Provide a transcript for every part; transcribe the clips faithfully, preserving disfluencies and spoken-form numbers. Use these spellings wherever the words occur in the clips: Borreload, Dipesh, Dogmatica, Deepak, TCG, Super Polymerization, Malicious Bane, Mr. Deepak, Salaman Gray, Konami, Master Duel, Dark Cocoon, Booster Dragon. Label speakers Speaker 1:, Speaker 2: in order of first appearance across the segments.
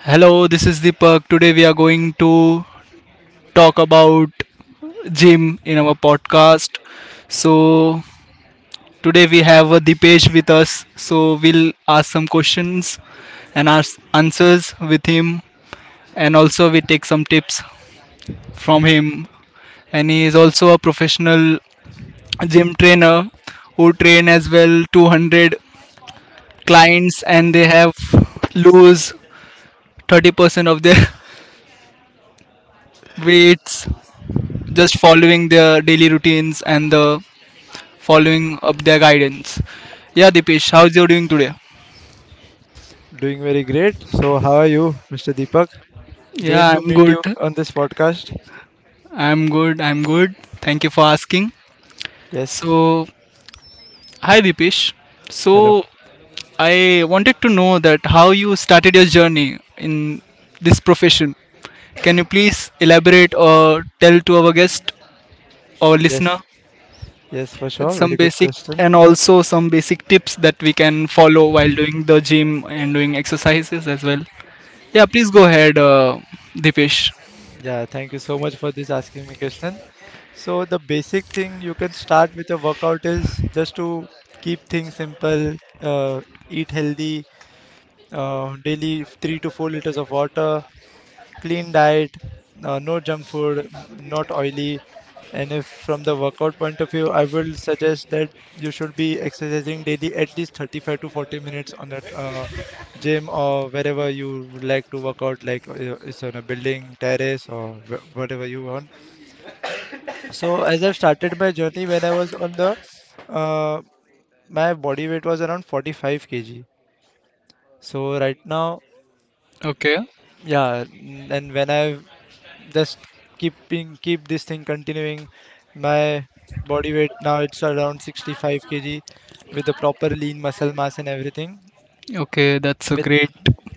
Speaker 1: Hello, this is Deepak. Today we are going to talk about gym in our podcast. So Today we have uh, Dipesh with us. So we'll ask some questions and ask answers with him, and also we take some tips from him. And he is also a professional gym trainer who train as well two hundred clients, and they have lose thirty percent of their weights just following their daily routines and the following up their guidance. Yeah, Dipesh, how's you doing today?
Speaker 2: Doing very great. So, how are you, mister Deepak? Great
Speaker 1: Yeah,
Speaker 2: to
Speaker 1: I'm
Speaker 2: meet
Speaker 1: good.
Speaker 2: you on this podcast.
Speaker 1: I'm good. I'm good. Thank you for asking.
Speaker 2: Yes.
Speaker 1: So, hi Dipesh.
Speaker 2: Hello.
Speaker 1: So, I wanted to know that how you started your journey in this profession. Can you please elaborate or tell to our guest, our listener?
Speaker 2: Yes. Yes, for sure.
Speaker 1: Some
Speaker 2: Very good
Speaker 1: basic, and
Speaker 2: question.
Speaker 1: also some basic tips that we can follow while doing the gym and doing exercises as well. Yeah, please go ahead, uh, Dipesh.
Speaker 2: Yeah, thank you so much for this asking me question. So, the basic thing you can start with a workout is just to keep things simple, uh, eat healthy, uh, daily three to four liters of water, clean diet, uh, no junk food, m- not oily. And if from the workout point of view, I will suggest that you should be exercising daily at least thirty-five to forty minutes on that uh, gym or wherever you would like to work out, like uh, it's on a building, terrace, or wh- whatever you want. So as I've started my journey when I was on the uh, my body weight was around forty-five kilograms. So right now,
Speaker 1: Okay,
Speaker 2: yeah, n- and when I just keeping keep this thing continuing. My body weight now it's around sixty-five kilograms with the proper lean muscle mass and everything.
Speaker 1: okay, that's a
Speaker 2: With
Speaker 1: great.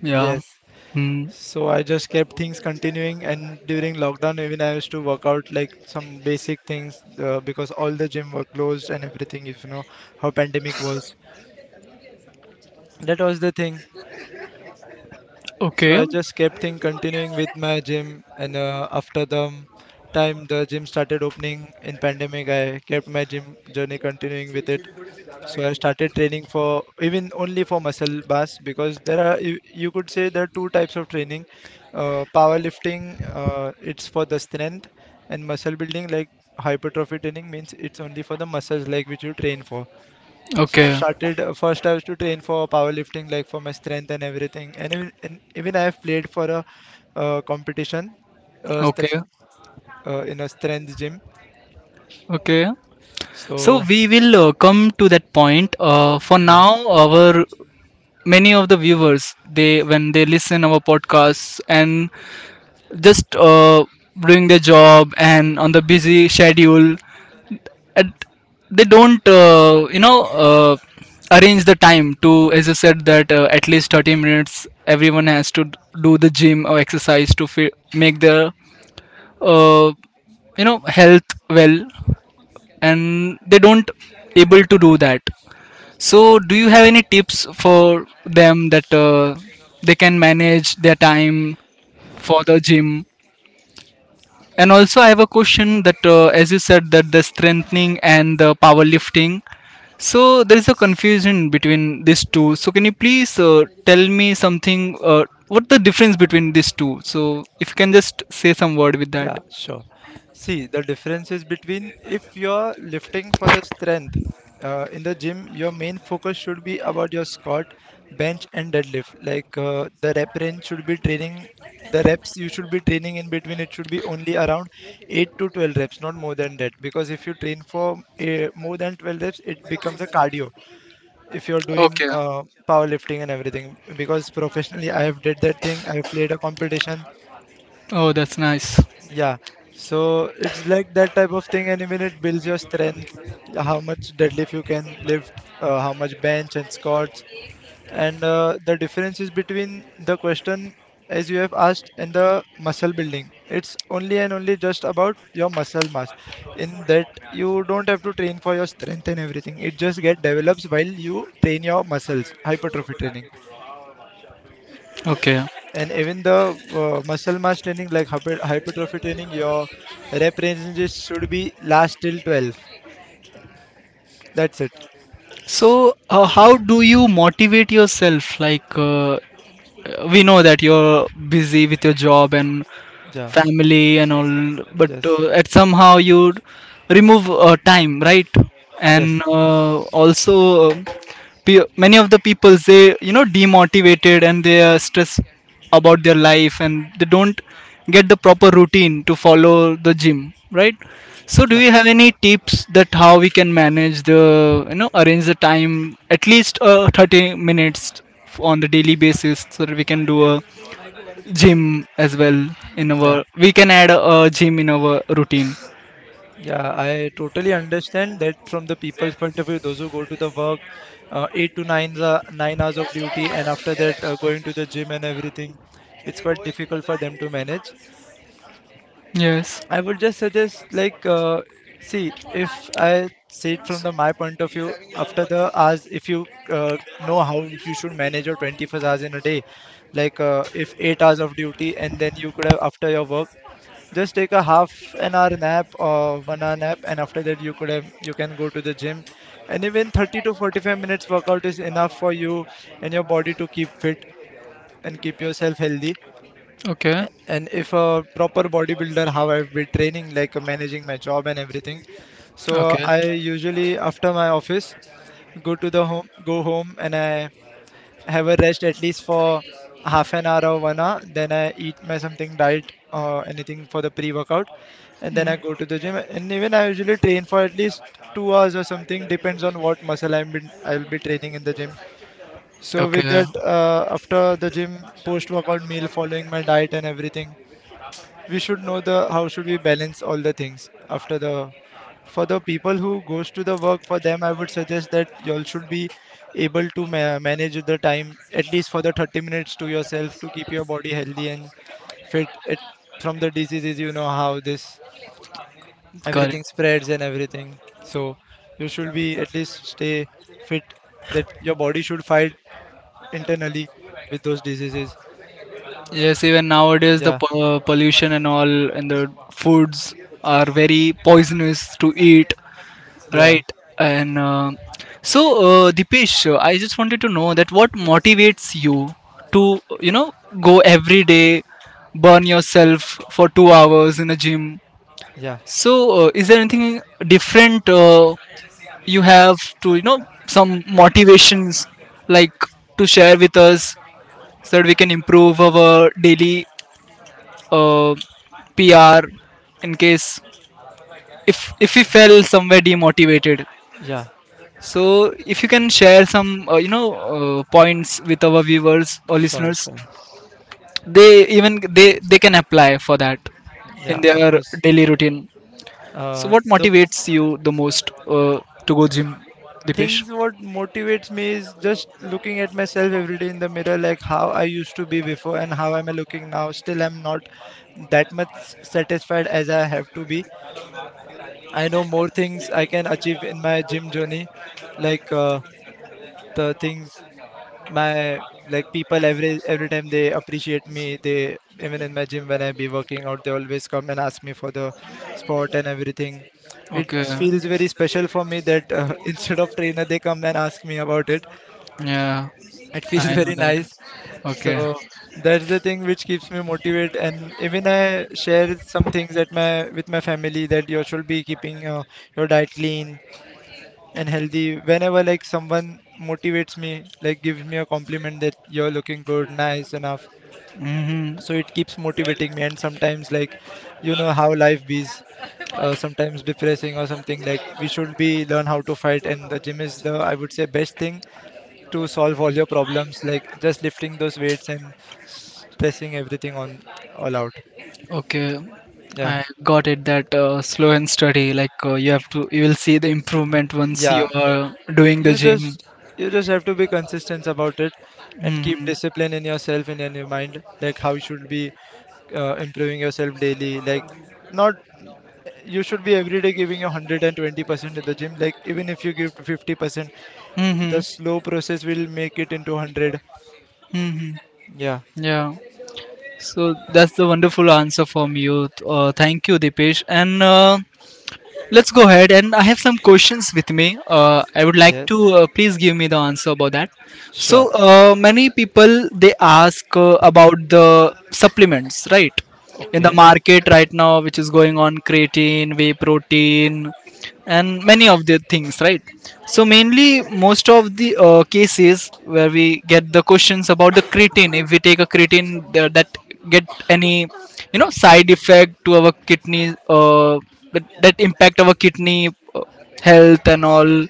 Speaker 1: Yeah.
Speaker 2: yes.
Speaker 1: Hmm.
Speaker 2: So I just kept things continuing, and during lockdown, even I used to work out like some basic things uh, because all the gym were closed and everything. If you know how pandemic was, that was the thing. So
Speaker 1: Okay,
Speaker 2: I just kept thing continuing with my gym, and uh, after the um, time the gym started opening in pandemic, I kept my gym journey continuing with it. So I started training for even only for muscle bars because there are you, you could say there are two types of training. Uh, powerlifting, uh, it's for the strength, and muscle building like hypertrophy training means it's only for the muscles like which you train for. So I
Speaker 1: okay,
Speaker 2: started uh, first. I was to train for powerlifting, like for my strength and everything. And even, and even I have played for a, uh competition, uh strength
Speaker 1: okay,
Speaker 2: uh, in a strength gym.
Speaker 1: okay. So
Speaker 2: So
Speaker 1: we will uh, come to that point. Uh, for
Speaker 2: yeah,
Speaker 1: now, our many of the viewers they when they listen our podcasts and just uh, doing their job and on the busy schedule and they don't uh, you know uh, arrange the time to as I said that uh, at least thirty minutes everyone has to do the gym or exercise to fi- make their uh, you know health well and they don't able to do that, so do you have any tips for them that uh, they can manage their time for the gym? And also, I have a question that, uh, as you said, that the strengthening and the powerlifting. So there is a confusion between these two. So can you please uh, tell me something? Uh, what the difference between these two? So if you can just say some word with that.
Speaker 2: yeah, sure. See, the difference is between if you're lifting for the strength uh, in the gym, your main focus should be about your squat, bench, and deadlift. Like uh, the rep range should be training, the reps you should be training in between, it should be only around eight to twelve reps, not more than that. Because if you train for uh, more than twelve reps, it becomes a cardio. If you're doing
Speaker 1: Okay.
Speaker 2: uh, powerlifting and everything, because professionally I have did that thing, I have played a competition
Speaker 1: Oh, that's nice.
Speaker 2: yeah, so it's like that type of thing, and even it builds your strength, how much deadlift you can lift, uh, how much bench and squats, and uh, the difference is between the question as you have asked and the muscle building. It's only and only just about your muscle mass. In that, you don't have to train for your strength and everything. It just get develops while you train your muscles, hypertrophy training.
Speaker 1: Okay.
Speaker 2: And even the uh, muscle mass training, like hyper- hypertrophy training, your rep ranges should be last till twelve. That's it.
Speaker 1: So, uh, how do you motivate yourself? Like, uh, we know that you're busy with your job and
Speaker 2: Yeah.
Speaker 1: family and all, but
Speaker 2: Yes.
Speaker 1: uh, at somehow you remove uh, time, right?
Speaker 2: Yes.
Speaker 1: And uh, also, uh, Pe- many of the people they you know demotivated and they are stressed about their life and they don't get the proper routine to follow the gym, right? So do
Speaker 2: Yeah.
Speaker 1: you have any tips that how we can manage the you know arrange the time at least uh, thirty minutes on the daily basis so that we can do a gym as well in our
Speaker 2: Yeah.
Speaker 1: we can add a, a gym in our routine?
Speaker 2: Yeah, I totally understand that from the people's point of view, those who go to the work, uh, eight to nine, uh, nine hours of duty, and after that, uh, going to the gym and everything, it's quite difficult for them to manage.
Speaker 1: Yes.
Speaker 2: I would just suggest like uh, see if I see it from the my point of view after the hours if you uh, know how you should manage your twenty-four hours in a day, like uh, if eight hours of duty, and then you could have after your work just take a half an hour nap or one hour nap, and after that you could have you can go to the gym. And even thirty to forty-five minutes workout is enough for you and your body to keep fit and keep yourself healthy.
Speaker 1: Okay,
Speaker 2: And if a proper bodybuilder, how I've been training, like uh, managing my job and everything. So uh,
Speaker 1: okay.
Speaker 2: I usually after my office go to the home, go home, and I have a rest at least for half an hour or one hour. Then I eat my something diet or anything for the pre-workout, and then
Speaker 1: Mm.
Speaker 2: I go to the gym. And even I usually train for at least two hours or something, depends on what muscle I'm been I'll be training in the gym. So with
Speaker 1: Okay,
Speaker 2: that, uh, after the gym, post-workout meal, following my diet and everything, we should know the how should we balance all the things after the for the people who goes to the work. For them I would suggest that y'all should be able to ma- manage the time at least for the thirty minutes to yourself to keep your body healthy and fit it from the diseases. You know how this
Speaker 1: correct.
Speaker 2: everything spreads and everything. So you should be at least stay fit, that your body should fight internally with those diseases.
Speaker 1: Yes, even nowadays the
Speaker 2: Yeah.
Speaker 1: po- uh, pollution and all and the foods are very poisonous to eat,
Speaker 2: Yeah.
Speaker 1: right? And uh, so, uh, Dipesh, uh, I just wanted to know that what motivates you to, you know, go every day, burn yourself for two hours in a gym.
Speaker 2: Yeah.
Speaker 1: So, uh, is there anything different uh, you have to, you know, some motivations like to share with us so that we can improve our daily uh, P R in case if if we felt somewhere demotivated.
Speaker 2: Yeah,
Speaker 1: So if you can share some uh, you know uh, points with our viewers or
Speaker 2: sure,
Speaker 1: listeners,
Speaker 2: sure.
Speaker 1: they even they they can apply for that in
Speaker 2: Yeah, of
Speaker 1: their
Speaker 2: course.
Speaker 1: daily routine. So
Speaker 2: uh,
Speaker 1: what
Speaker 2: the
Speaker 1: motivates you the most uh, to go gym, Dipesh?
Speaker 2: things what motivates me is just looking at myself every day in the mirror, like how I used to be before and how am I looking now. Still I'm not that much satisfied as I have to be. I know more things I can achieve in my gym journey, like uh, the things my like people every every time they appreciate me. They even in my gym when I be working out, they always come and ask me for the spot and everything. It
Speaker 1: Okay,
Speaker 2: feels very special for me that uh, instead of trainer they come and ask me about it.
Speaker 1: yeah,
Speaker 2: It feels
Speaker 1: I know
Speaker 2: very
Speaker 1: that.
Speaker 2: nice.
Speaker 1: Okay.
Speaker 2: So that's the thing which keeps me motivated. And even I share some things at my with my family that you should be keeping uh, your diet lean and healthy. Whenever like someone motivates me, like gives me a compliment that you're looking good, nice enough,
Speaker 1: Mm-hmm.
Speaker 2: so it keeps motivating me. And sometimes like you know how life is, uh, sometimes depressing or something, like we should be learn how to fight, and the gym is the I would say best thing to solve all your problems, like just lifting those weights and stressing everything on all out.
Speaker 1: Okay,
Speaker 2: Yeah.
Speaker 1: I got it that uh, slow and steady, like uh, you have to, you will see the improvement once
Speaker 2: Yeah,
Speaker 1: you are doing the
Speaker 2: you
Speaker 1: gym.
Speaker 2: just you just have to be consistent about it and keep
Speaker 1: Mm-hmm.
Speaker 2: discipline in yourself and in your mind, like how you should be uh, improving yourself daily, like not you should be every day giving your one hundred twenty percent in the gym. Like even if you give to fifty percent, the
Speaker 1: Mm-hmm.
Speaker 2: slow process will make it into one hundred.
Speaker 1: Mm-hmm.
Speaker 2: Yeah.
Speaker 1: Yeah. So that's the wonderful answer from you. Uh, thank you, Dipesh. And uh, let's go ahead, and I have some questions with me. Uh, I would like
Speaker 2: Yes,
Speaker 1: to uh, please give me the answer about that.
Speaker 2: sure.
Speaker 1: So uh, many people they ask uh, about the supplements, right? In the
Speaker 2: Okay.
Speaker 1: market right now, which is going on creatine, whey protein, and many of the things, right? So mainly, most of the uh, cases where we get the questions about the creatine, if we take a creatine, th- that get any you know side effect to our kidney. Uh, that, that impact our kidney uh, health and all.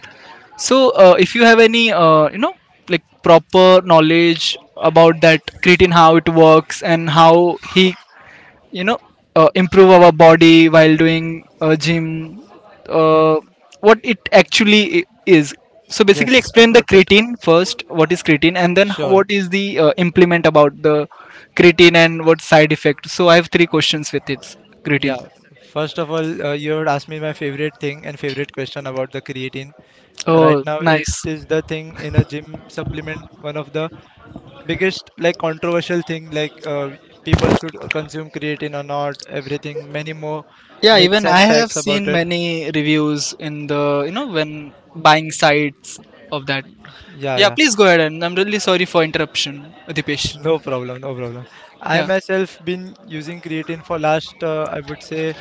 Speaker 1: So uh, if you have any uh, you know like proper knowledge about that creatine how it works and how he you know uh, improve our body while doing uh, gym, uh, what it actually i- is. So
Speaker 2: Yes,
Speaker 1: basically
Speaker 2: I
Speaker 1: explain the
Speaker 2: got it.
Speaker 1: creatine first, what is creatine, and then
Speaker 2: Sure.
Speaker 1: what is the uh, implement about the creatine and what side effect, so I have three questions with it
Speaker 2: Yeah.
Speaker 1: creatine.
Speaker 2: First of all, uh, you had asked me my favorite thing and favorite question about the creatine. Right
Speaker 1: Oh
Speaker 2: now, it
Speaker 1: nice.
Speaker 2: is the thing in a gym supplement, one of the biggest like controversial thing, like uh, people should consume creatine or not, everything, many more
Speaker 1: Yeah,
Speaker 2: myths
Speaker 1: even I
Speaker 2: and
Speaker 1: have
Speaker 2: facts about
Speaker 1: seen
Speaker 2: it.
Speaker 1: many reviews in the, you know, when buying sites of that.
Speaker 2: Yeah,
Speaker 1: Yeah,
Speaker 2: yeah.
Speaker 1: please go ahead. And I'm really sorry for interruption, Dipesh.
Speaker 2: No problem, no problem. I
Speaker 1: Yeah.
Speaker 2: myself been using creatine for last uh, I would say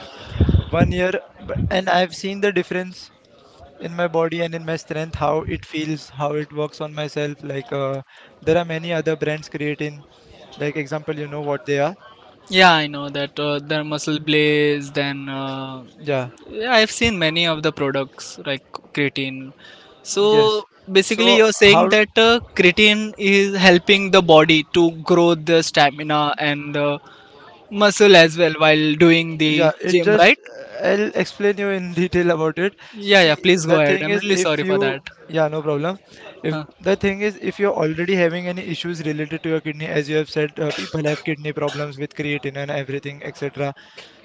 Speaker 2: one year, but, and I've seen the difference in my body and in my strength, how it feels, how it works on myself. Like uh, there are many other brands creatine, like example, you know what they are.
Speaker 1: Yeah, I know that uh, the muscle blaze, then uh,
Speaker 2: Yeah.
Speaker 1: yeah, I've seen many of the products like creatine.
Speaker 2: Yes.
Speaker 1: So basically,
Speaker 2: So
Speaker 1: you're saying
Speaker 2: how,
Speaker 1: that uh, creatine is helping the body to grow the stamina and uh, muscle as well while doing the
Speaker 2: yeah, it
Speaker 1: gym,
Speaker 2: just,
Speaker 1: right?
Speaker 2: I'll explain you in detail about it.
Speaker 1: Yeah,
Speaker 2: See,
Speaker 1: yeah, please go
Speaker 2: the
Speaker 1: ahead.
Speaker 2: thing
Speaker 1: I'm
Speaker 2: is
Speaker 1: really
Speaker 2: if
Speaker 1: sorry for
Speaker 2: you,
Speaker 1: that.
Speaker 2: yeah, no problem. If
Speaker 1: Huh.
Speaker 2: the thing is, if you're already having any issues related to your kidney, as you have said, uh, people have kidney problems with creatine and everything, et cetera.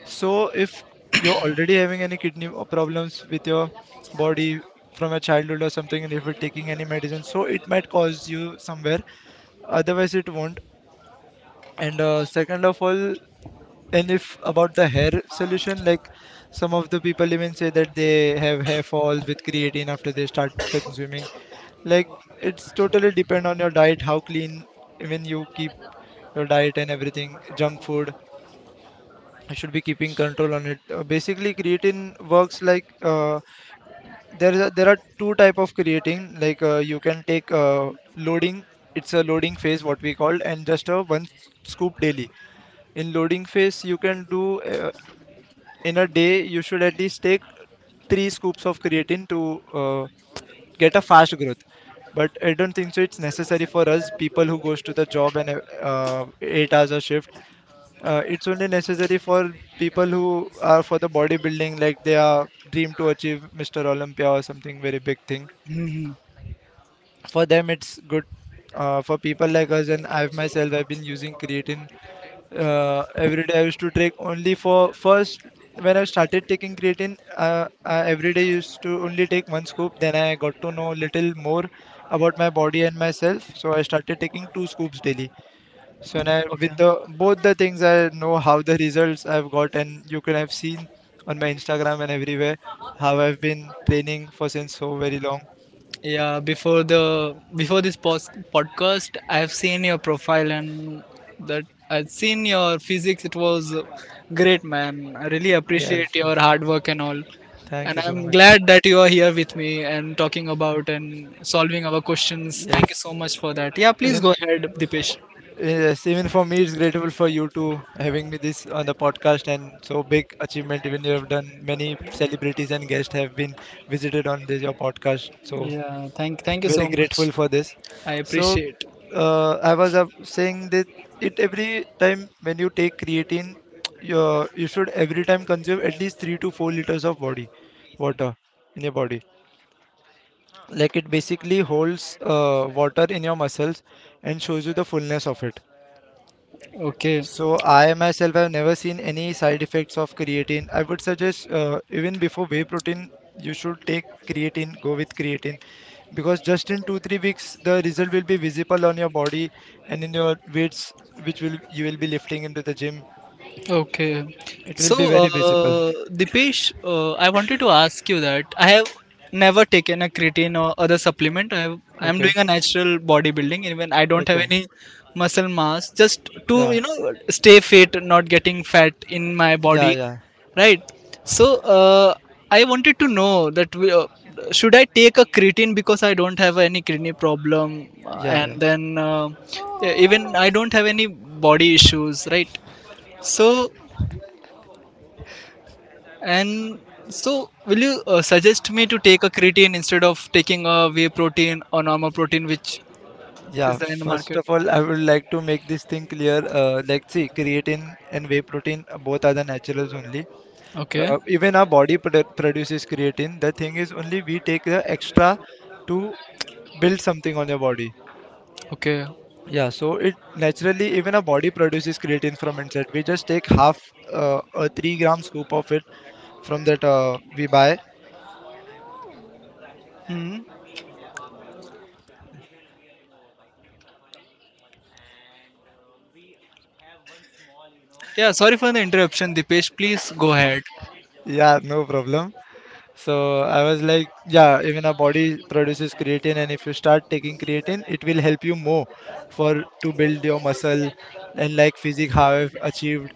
Speaker 2: So if you're already having any kidney o- problems with your body from a childhood or something, and if you're taking any medicine, so it might cause you somewhere. Otherwise, it won't. And uh, second of all, and if about the hair solution, like some of the people even say that they have hair falls with creatine after they start consuming. Like it's totally depend on your diet, how clean even you keep your diet and everything. Junk food, you should be keeping control on it. Uh, basically, creatine works like uh, there is a, there are two type of creatine. Like uh, you can take uh, loading. It's a loading phase, what we call, and just a one scoop daily. In loading phase, you can do uh, in a day you should at least take three scoops of creatine to uh, get a fast growth, but I don't think so it's necessary for us people who goes to the job and uh, eight hours a shift. Uh, it's only necessary for people who are for the bodybuilding, like they are dream to achieve Mr Olympia or something very big thing.
Speaker 1: Hmm.
Speaker 2: For them it's good. Uh, for people like us, and i've myself i've been using creatine. Uh, every day I used to take only for first. When I started taking creatine, uh, I every day used to only take one scoop. Then I got to know little more about my body and myself, so I started taking two scoops daily. So, and I
Speaker 1: Okay.
Speaker 2: with the both the things, I know how the results I've got, and you can have seen on my Instagram and everywhere how I've been training for since so very long.
Speaker 1: Yeah, before the before this pos- podcast, I've seen your profile and that I've seen your physics. It was great, man. I really appreciate
Speaker 2: yes
Speaker 1: your
Speaker 2: yes
Speaker 1: hard work and all.
Speaker 2: Thank
Speaker 1: And
Speaker 2: you so
Speaker 1: I'm
Speaker 2: much.
Speaker 1: glad that you are here with me and talking about and solving our questions. Thank you so
Speaker 2: Yes.
Speaker 1: much for that. Yeah, please
Speaker 2: In.
Speaker 1: go ahead, Dipesh.
Speaker 2: Yes, even for me, it's grateful for you to having me this on the podcast, and so big achievement. Even you have done many celebrities and guests have been visited on this your podcast. So
Speaker 1: Yeah, thank thank you so
Speaker 2: very
Speaker 1: much.
Speaker 2: grateful for this.
Speaker 1: I
Speaker 2: So
Speaker 1: appreciate.
Speaker 2: uh, I was uh, saying that it every time when you take creatine, you you should every time consume at least three to four liters of body water in your body. Like it basically holds uh, water in your muscles and shows you the fullness of it.
Speaker 1: Okay.
Speaker 2: So I myself have never seen any side effects of creatine. I would suggest, uh, even before whey protein, you should take creatine, go with creatine, because just in two three weeks the result will be visible on your body and in your weights which will you will be lifting into the gym.
Speaker 1: Okay.
Speaker 2: It
Speaker 1: So,
Speaker 2: will be very visible.
Speaker 1: uh, Dipesh, uh, I wanted to ask you that I have never taken a creatine or other supplement. I have, I am
Speaker 2: Okay.
Speaker 1: doing a natural bodybuilding. Even I don't have
Speaker 2: Okay.
Speaker 1: any muscle mass, just to
Speaker 2: Yeah.
Speaker 1: you know stay fit, not getting fat in my
Speaker 2: Yeah,
Speaker 1: body,
Speaker 2: yeah.
Speaker 1: right? So, uh, I wanted to know that we, uh, should I take a creatine because I don't have any kidney problem, uh,
Speaker 2: Yeah,
Speaker 1: and
Speaker 2: yeah.
Speaker 1: then uh, even I don't have any body issues, right? So and so, will you uh, suggest me to take a creatine instead of taking a whey protein or normal protein, which is
Speaker 2: Yeah,
Speaker 1: there in the
Speaker 2: first
Speaker 1: market?
Speaker 2: of all, I would like to make this thing clear. Uh, like, see, creatine and whey protein uh, both are the naturals only.
Speaker 1: Okay,
Speaker 2: Uh, even our body produ produces creatine. The thing is, only we take the extra to build something on your body.
Speaker 1: okay.
Speaker 2: Yeah, so it naturally, even our body produces creatine from inside. We just take half uh, a three gram scoop of it from that uh, we buy.
Speaker 1: Hmm. Yeah, sorry for the interruption, Dipesh. Please go ahead.
Speaker 2: Yeah, no problem. So I was like, yeah, even our body produces creatine, and if you start taking creatine, it will help you more for to build your muscle and like physique, how I've achieved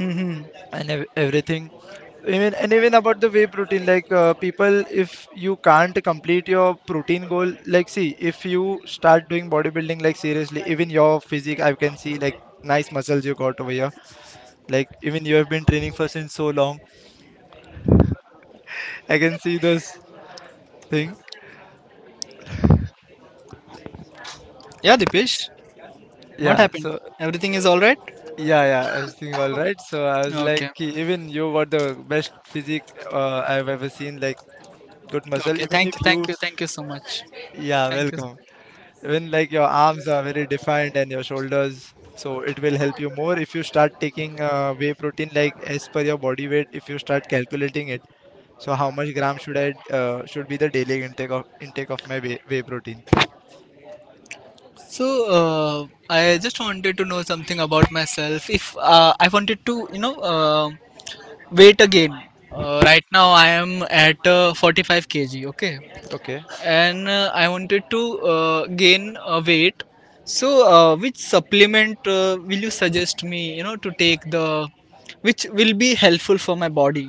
Speaker 1: Hmm.
Speaker 2: and ev- everything. Even and even about the whey protein, like uh, people, if you can't complete your protein goal, like see, if you start doing bodybuilding, like seriously, even your physique, I can see like nice muscles you got over here. Like even you have been training for since so long, I can see this thing.
Speaker 1: Yeah, Dipesh, what
Speaker 2: Yeah,
Speaker 1: happened?
Speaker 2: so.
Speaker 1: Everything is all right?
Speaker 2: Yeah, yeah, everything all right. So I was like,
Speaker 1: Okay,
Speaker 2: "Ki, even you were the best physique uh, I've ever seen, like good muscle.
Speaker 1: okay.
Speaker 2: Even
Speaker 1: Thank you,
Speaker 2: if
Speaker 1: thank
Speaker 2: you,
Speaker 1: you, thank you so much.
Speaker 2: yeah,
Speaker 1: Thank you.
Speaker 2: welcome. Even like your arms are very defined and your shoulders, so it will help you more if you start taking uh, whey protein like as per your body weight. If you start calculating it, so how much gram should I uh, should be the daily intake of intake of my whey, whey protein?
Speaker 1: So, uh, I just wanted to know something about myself. If uh, I wanted to, you know, uh, weight again, uh,
Speaker 2: Hmm,
Speaker 1: right now I am at uh, forty-five K G, okay,
Speaker 2: okay.
Speaker 1: and uh, I wanted to uh, gain uh, weight. So uh, which supplement uh, will you suggest me you know to take the which will be helpful for my body,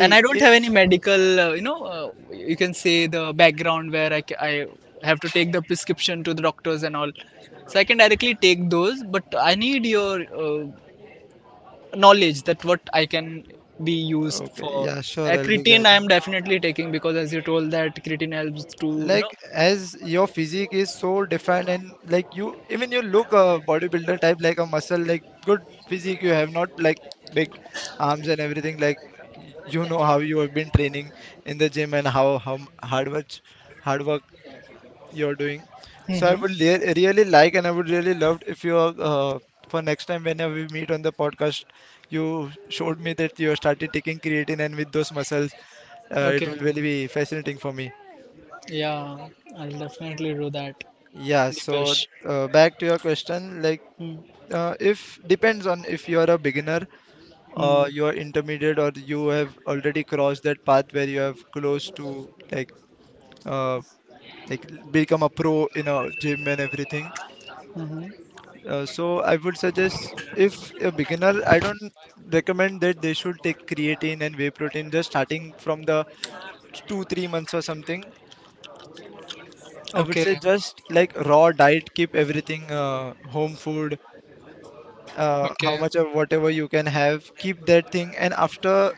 Speaker 1: and I don't have any
Speaker 2: if
Speaker 1: medical uh, you know uh, you can say the background where I, ca- I have to take the prescription to the doctors and all, so I can directly take those but I need your uh, knowledge that what I can be used
Speaker 2: okay,
Speaker 1: for.
Speaker 2: yeah, sure,
Speaker 1: Uh,
Speaker 2: I'll be
Speaker 1: creatine I
Speaker 2: guiding.
Speaker 1: am definitely taking because as you told that creatine helps to you
Speaker 2: Like
Speaker 1: know.
Speaker 2: as your physique is so defined, and like you, even you look a bodybuilder type, like a muscle, like good physique you have, not like big arms and everything, like y- you know how you have been training in the gym, and how how m- hard work hard work you're doing. So I would
Speaker 1: Hmm.
Speaker 2: le- really like, and I would really love if you, uh, for next time whenever we meet on the podcast, you showed me that you started taking creatine, and with those muscles, uh, it
Speaker 1: Okay.
Speaker 2: will really be fascinating for me.
Speaker 1: Yeah, I'll definitely do that,
Speaker 2: Yeah, so
Speaker 1: Dipesh.
Speaker 2: uh, back to your question, like
Speaker 1: Hmm.
Speaker 2: uh, if depends on if you are a beginner, uh,
Speaker 1: Hmm.
Speaker 2: you are intermediate, or you have already crossed that path where you have close to like, uh, like l- become a pro in a gym and everything.
Speaker 1: Hmm.
Speaker 2: Uh, so I would suggest if a beginner, I don't recommend that they should take creatine and whey protein just starting from the two three months or something. I would say
Speaker 1: Okay.
Speaker 2: just like raw diet, keep everything, uh, home food, uh, how
Speaker 1: Okay.
Speaker 2: much or whatever you can have, keep that thing, and after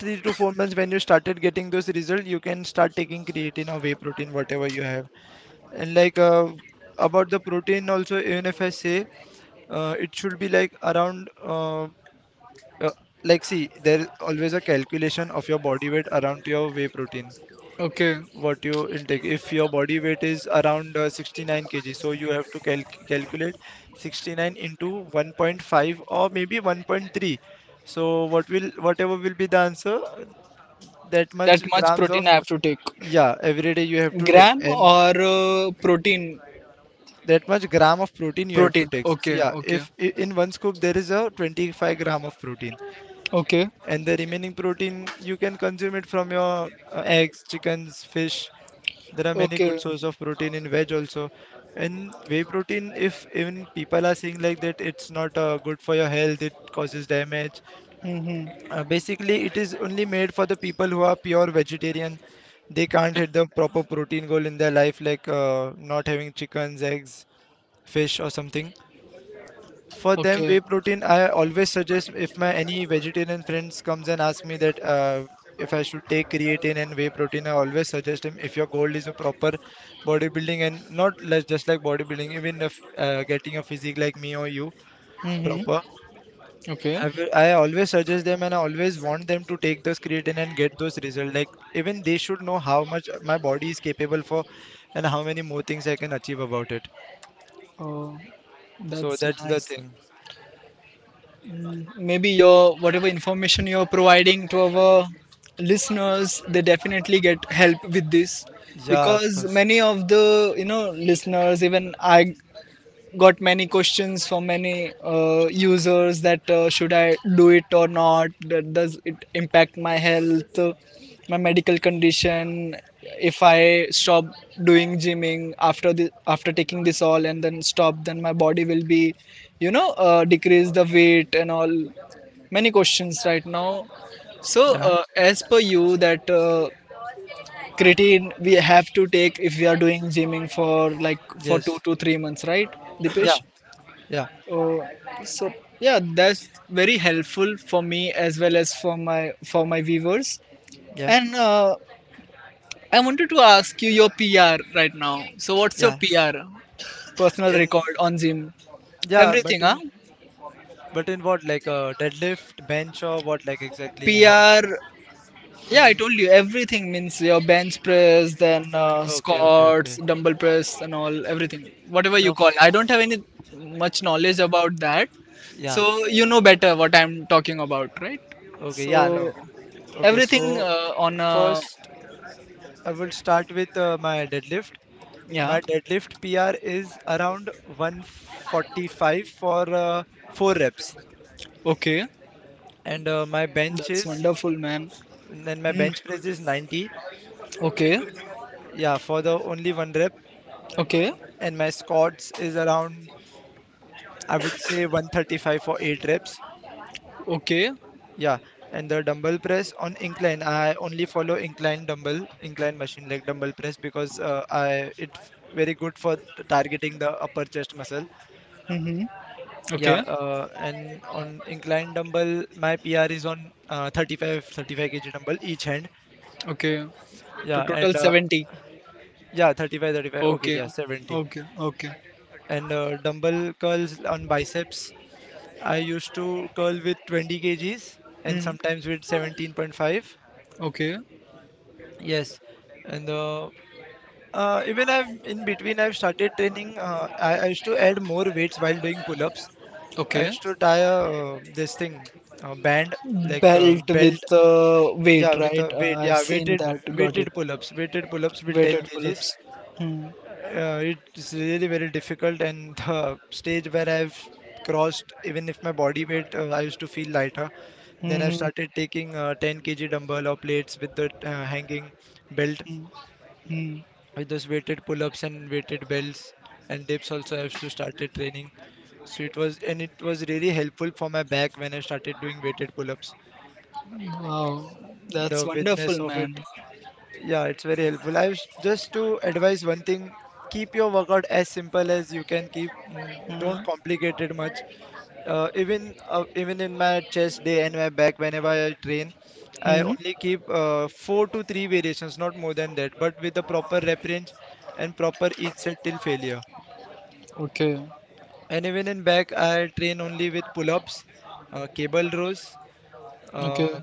Speaker 2: three to four months when you started getting those results, you can start taking creatine or whey protein, whatever you have, and like uh, about the protein also, even if I say uh, it should be like around uh, uh, like see, there is always a calculation of your body weight around your whey protein,
Speaker 1: Okay.
Speaker 2: what you intake. If your body weight is around uh, sixty-nine k g, so you have to calc calculate sixty-nine into one point five or maybe one point three. So what will whatever will be the answer, that
Speaker 1: That
Speaker 2: much
Speaker 1: much
Speaker 2: grams
Speaker 1: protein
Speaker 2: of,
Speaker 1: I have to take.
Speaker 2: yeah, every day you have to take,
Speaker 1: Gram
Speaker 2: and
Speaker 1: or uh, protein?
Speaker 2: that much gram of protein you have to
Speaker 1: Protein.
Speaker 2: take. So,
Speaker 1: Okay.
Speaker 2: yeah,
Speaker 1: Okay.
Speaker 2: if i- in one scoop there is a twenty-five gram of protein,
Speaker 1: Okay.
Speaker 2: and the remaining protein you can consume it from your uh, eggs, chickens, fish. There are many
Speaker 1: Okay.
Speaker 2: good source of protein in veg also. And whey protein, if even people are saying like that, it's not uh, good for your health, it causes damage.
Speaker 1: Mm-hmm.
Speaker 2: Uh, basically, it is only made for the people who are pure vegetarian. They can't hit the proper protein goal in their life, like uh, not having chickens, eggs, fish, or something. For them,
Speaker 1: Okay.
Speaker 2: whey protein, I always suggest, if my any vegetarian friends comes and ask me that uh, if I should take creatine and whey protein, I always suggest them, if your goal is a proper bodybuilding and not less just like bodybuilding, even if uh, getting a physique like me or you
Speaker 1: Mm-hmm.
Speaker 2: proper.
Speaker 1: Okay.
Speaker 2: I will, I always suggest them, and I always want them to take those creatine and get those results. Like even they should know how much my body is capable for, and how many more things I can achieve about it.
Speaker 1: Oh,
Speaker 2: So
Speaker 1: that's
Speaker 2: that's the
Speaker 1: nice.
Speaker 2: thing.
Speaker 1: Maybe your whatever information you're providing to our listeners, they definitely get help with this
Speaker 2: Yeah, of
Speaker 1: because
Speaker 2: course.
Speaker 1: many of the you know listeners, even I got many questions from many uh, users that uh, should I do it or not? That does it impact my health, uh, my medical condition? If I stop doing gymming after the after taking this all and then stop, then my body will be, you know, uh, decrease the weight and all. Many questions right now. So
Speaker 2: Yeah.
Speaker 1: uh, as per you, that uh, creatine we have to take if we are doing gymming for like for two
Speaker 2: Yes.
Speaker 1: to three months, right,
Speaker 2: Yeah,
Speaker 1: Dipesh?
Speaker 2: yeah,
Speaker 1: Oh, so yeah, that's very helpful for me as well as for my for my viewers.
Speaker 2: yeah,
Speaker 1: And uh, I wanted to ask you your P R right now. So what's your
Speaker 2: yeah.
Speaker 1: P R? Personal
Speaker 2: In
Speaker 1: record on Zim.
Speaker 2: yeah,
Speaker 1: Everything,
Speaker 2: but
Speaker 1: huh?
Speaker 2: in, but in what, like a deadlift, bench or what, like exactly? How sh
Speaker 1: P R. Yeah, I
Speaker 2: in
Speaker 1: told you everything means your bench press, then uh,
Speaker 2: okay, okay,
Speaker 1: squats,
Speaker 2: okay.
Speaker 1: dumbbell press, and all everything. Whatever
Speaker 2: The
Speaker 1: you call. I don't
Speaker 2: f
Speaker 1: have any much knowledge about that,
Speaker 2: yeah,
Speaker 1: so you know better what I'm talking about, right?
Speaker 2: okay, yeah, no,
Speaker 1: So
Speaker 2: okay.
Speaker 1: everything
Speaker 2: So
Speaker 1: uh, on a
Speaker 2: first, I will start with uh, my deadlift.
Speaker 1: yeah.
Speaker 2: My deadlift P R is around one forty-five for uh, four reps,
Speaker 1: Okay,
Speaker 2: and uh, my bench
Speaker 1: that's
Speaker 2: is
Speaker 1: wonderful, man.
Speaker 2: and my
Speaker 1: Hmm.
Speaker 2: bench press is ninety.
Speaker 1: Okay,
Speaker 2: Yeah, for the only one rep.
Speaker 1: okay,
Speaker 2: And my squats is around, I would say one thirty-five for eight reps.
Speaker 1: okay.
Speaker 2: Yeah, and the dumbbell press on incline, I only follow incline dumbbell, incline machine, like dumbbell press, because uh, I it very good for targeting the upper chest muscle.
Speaker 1: Mm-hmm.
Speaker 2: Yeah,
Speaker 1: Okay,
Speaker 2: uh, and on incline dumbbell my P R is on uh, thirty-five thirty-five k g dumbbell each hand.
Speaker 1: okay. To
Speaker 2: Yeah,
Speaker 1: total
Speaker 2: and uh,
Speaker 1: seventy.
Speaker 2: yeah thirty-five thirty-five okay
Speaker 1: Okay,
Speaker 2: yeah seventy,
Speaker 1: okay, okay.
Speaker 2: and uh, dumbbell curls on biceps, I used to curl with twenty kgs and
Speaker 1: Hmm.
Speaker 2: sometimes with seventeen point five.
Speaker 1: Okay.
Speaker 2: Yes, and uh, uh, even I've in between I've started training. Uh, I, I used to add more weights while doing pull-ups. I
Speaker 1: Okay.
Speaker 2: used to tie a uh, this thing, a band, like a
Speaker 1: Belt with
Speaker 2: belt.
Speaker 1: uh, weight,
Speaker 2: Yeah, with a
Speaker 1: right?
Speaker 2: weight.
Speaker 1: Uh, I've
Speaker 2: Yeah,
Speaker 1: seen
Speaker 2: weighted
Speaker 1: that. Got it.
Speaker 2: weighted pull-ups. Weighted pull-ups with ten
Speaker 1: Weighted
Speaker 2: kgs.
Speaker 1: pull-ups. Hmm.
Speaker 2: Uh, it's really very difficult, and the stage where I've crossed, even if my body weight, uh, I used to feel lighter. Then I
Speaker 1: Hmm.
Speaker 2: started taking uh, ten k g dumbbell or plates with the uh, hanging belt,
Speaker 1: Hmm. Hmm. Hmm.
Speaker 2: with those weighted pull-ups and weighted belts, and dips also I used to started training. So it was, and it was really helpful for my back when I started doing weighted pull-ups.
Speaker 1: Wow, that's
Speaker 2: The widthness
Speaker 1: wonderful,
Speaker 2: of
Speaker 1: man.
Speaker 2: it, yeah, it's very helpful. I was just to advise one thing: keep your workout as simple as you can keep. Mm, don't
Speaker 1: Hmm.
Speaker 2: complicate it much. uh, even uh, even in my chest day and my back whenever I train, I
Speaker 1: Hmm.
Speaker 2: only keep uh, four to three variations, not more than that. But with the proper rep range and proper each set till failure.
Speaker 1: Okay.
Speaker 2: And even in back, I train only with pull-ups, uh, cable rows.
Speaker 1: Okay.
Speaker 2: Uh,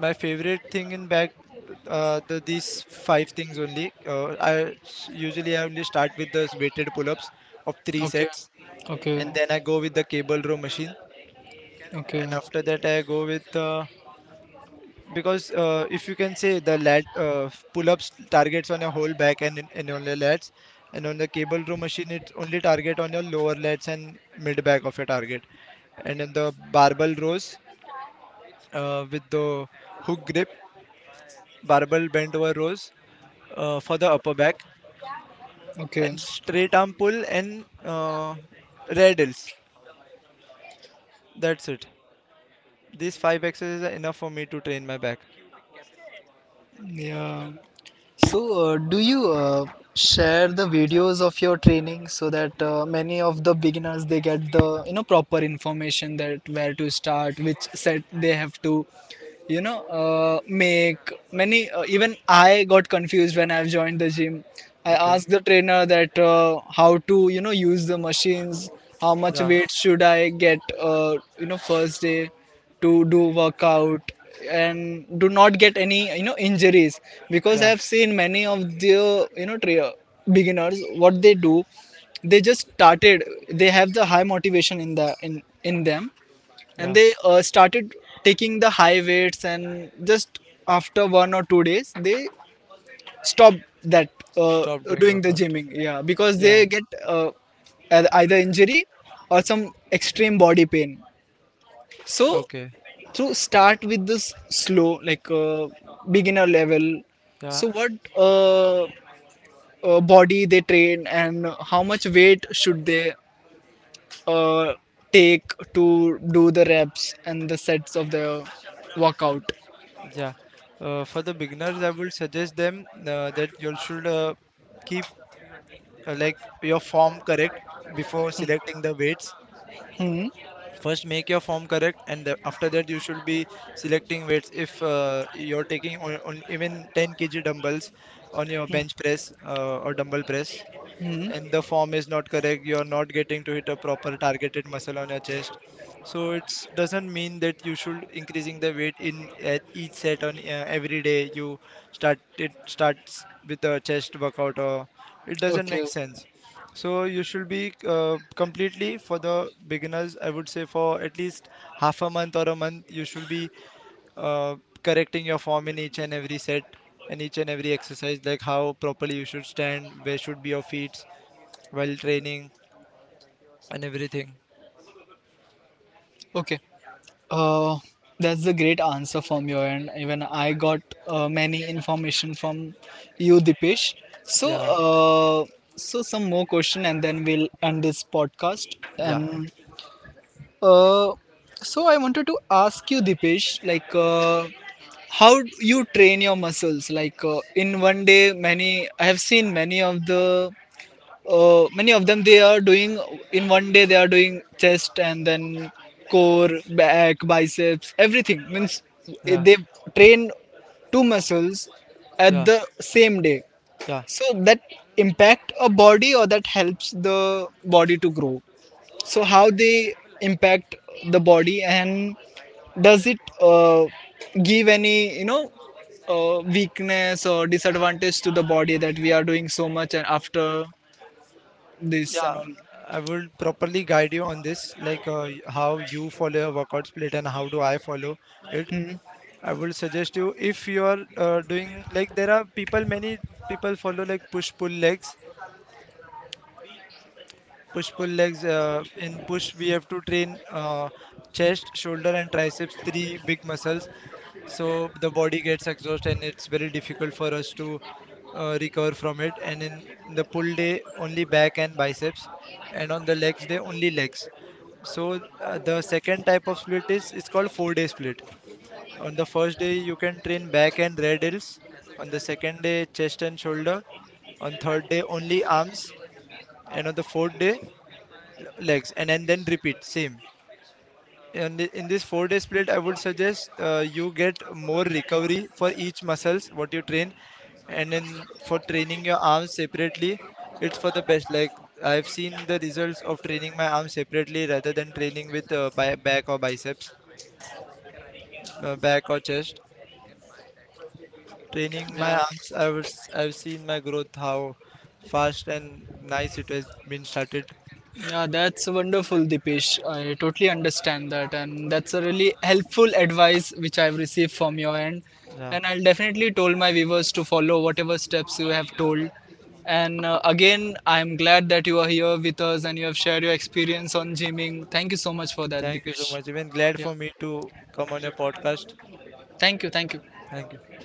Speaker 2: my favorite thing in back, uh, the, these five things only. Uh, I s- usually I only start with the weighted pull-ups of three
Speaker 1: Okay.
Speaker 2: sets,
Speaker 1: Okay.
Speaker 2: and then I go with the cable row machine,
Speaker 1: Okay.
Speaker 2: and after that I go with uh, because uh, if you can say the lat uh, pull-ups targets on your whole back, and, in- and on your lats, and on the cable row machine it only target on your lower lats and mid back of your target, and in the barbell rows, uh, with the hook grip barbell bent over rows, uh, for the upper back,
Speaker 1: Okay.
Speaker 2: and straight arm pull and uh, radials, that's it. These five exercises are enough for me to train my back.
Speaker 1: Yeah. So, uh, do you uh, share the videos of your training so that uh, many of the beginners they get the you know proper information that where to start, which set they have to you know uh, make many uh, even I got confused when I've joined the gym. I
Speaker 2: Okay.
Speaker 1: asked the trainer that uh, how to you know use the machines, how much
Speaker 2: Yeah.
Speaker 1: weight should I get uh, you know first day to do workout and do not get any you know injuries because I
Speaker 2: Yeah.
Speaker 1: have seen many of the you know tra- beginners what they do, they just started, they have the high motivation in the in in them, and
Speaker 2: Yeah.
Speaker 1: they uh, started taking the high weights and just after one or two days they stop that uh,
Speaker 2: Stop doing
Speaker 1: doing the
Speaker 2: workout.
Speaker 1: gymming, yeah, because they
Speaker 2: Yeah.
Speaker 1: get uh, ei- either injury or some extreme body pain. So
Speaker 2: Okay,
Speaker 1: to start with this slow, like uh, beginner level.
Speaker 2: yeah,
Speaker 1: So what uh, uh, body they train and how much weight should they uh, take to do the reps and the sets of the workout?
Speaker 2: yeah. Uh, for the beginners, I would suggest them uh, that you should uh, keep uh, like your form correct before selecting the weights.
Speaker 1: Hmm.
Speaker 2: First, make your form correct, and the, after that, you should be selecting weights. If uh, you're taking on, on even ten k g dumbbells on your bench press uh, or dumbbell press,
Speaker 1: Hmm.
Speaker 2: and the form is not correct, you're not getting to hit a proper targeted muscle on your chest, so it doesn't mean that you should increasing the weight in at each set on uh, every day you start it starts with a chest workout or it doesn't make
Speaker 1: Okay.
Speaker 2: sense. So you should be uh, completely, for the beginners I would say for at least half a month or a month you should be uh, correcting your form in each and every set, and each and every exercise, like how properly you should stand, where should be your feet while training and everything.
Speaker 1: Okay. Uh, that's a great answer from your end. Even I got uh, many information from you, Dipesh. So,
Speaker 2: Yeah,
Speaker 1: uh, so some more question, and then we'll end this podcast.
Speaker 2: yeah,
Speaker 1: And uh, so I wanted to ask you, Dipesh, like uh, how you train your muscles? Like uh, in one day, many I have seen many of the uh, many of them they are doing in one day they are doing chest and then core back biceps everything means
Speaker 2: yeah,
Speaker 1: they train two muscles at
Speaker 2: yeah,
Speaker 1: the same day.
Speaker 2: yeah,
Speaker 1: So that impact a body or that helps the body to grow, so how they impact the body and does it uh, give any you know uh, weakness or disadvantage to the body that we are doing so much and after this and
Speaker 2: yeah.
Speaker 1: all.
Speaker 2: I will properly guide you on this, like uh, y- how you follow your workout split, and how do I follow it.
Speaker 1: Hmm.
Speaker 2: I will suggest you if you are uh, doing, like there are people, many people follow like push pull legs, push pull legs. Uh, in push, we have to train uh, chest, shoulder, and triceps, three big muscles. So the body gets exhausted, and it's very difficult for us to uh, recover from it, and in the pull day only back and biceps, and on the legs day only legs. So uh, the second type of split is, it's called four day split. On the first day you can train back and rear delts, on the second day chest and shoulder, on third day only arms, and on the fourth day l- legs, and, and then repeat same. And i- in this four day split, I would suggest uh, you get more recovery for each muscles what you train. And then for training your arms separately, it's for the best. Like I've seen the results of training my arms separately rather than training with uh, bi- back or biceps, uh, back or chest. Training my
Speaker 1: Yeah,
Speaker 2: arms, i was I've seen my growth, how fast and nice it has been started.
Speaker 1: yeah, that's wonderful, Dipesh. I totally understand that, and that's a really helpful advice which I've received from your end.
Speaker 2: Yeah,
Speaker 1: And I'll definitely told my viewers to follow whatever steps you have told. And uh, again, I'm glad that you are here with us and you have shared your experience on gymming. Thank you so much for that,
Speaker 2: thank you so
Speaker 1: Dipesh.
Speaker 2: much. Even glad
Speaker 1: Yeah,
Speaker 2: for me to come on your podcast.
Speaker 1: thank you, thank you.
Speaker 2: Thank you.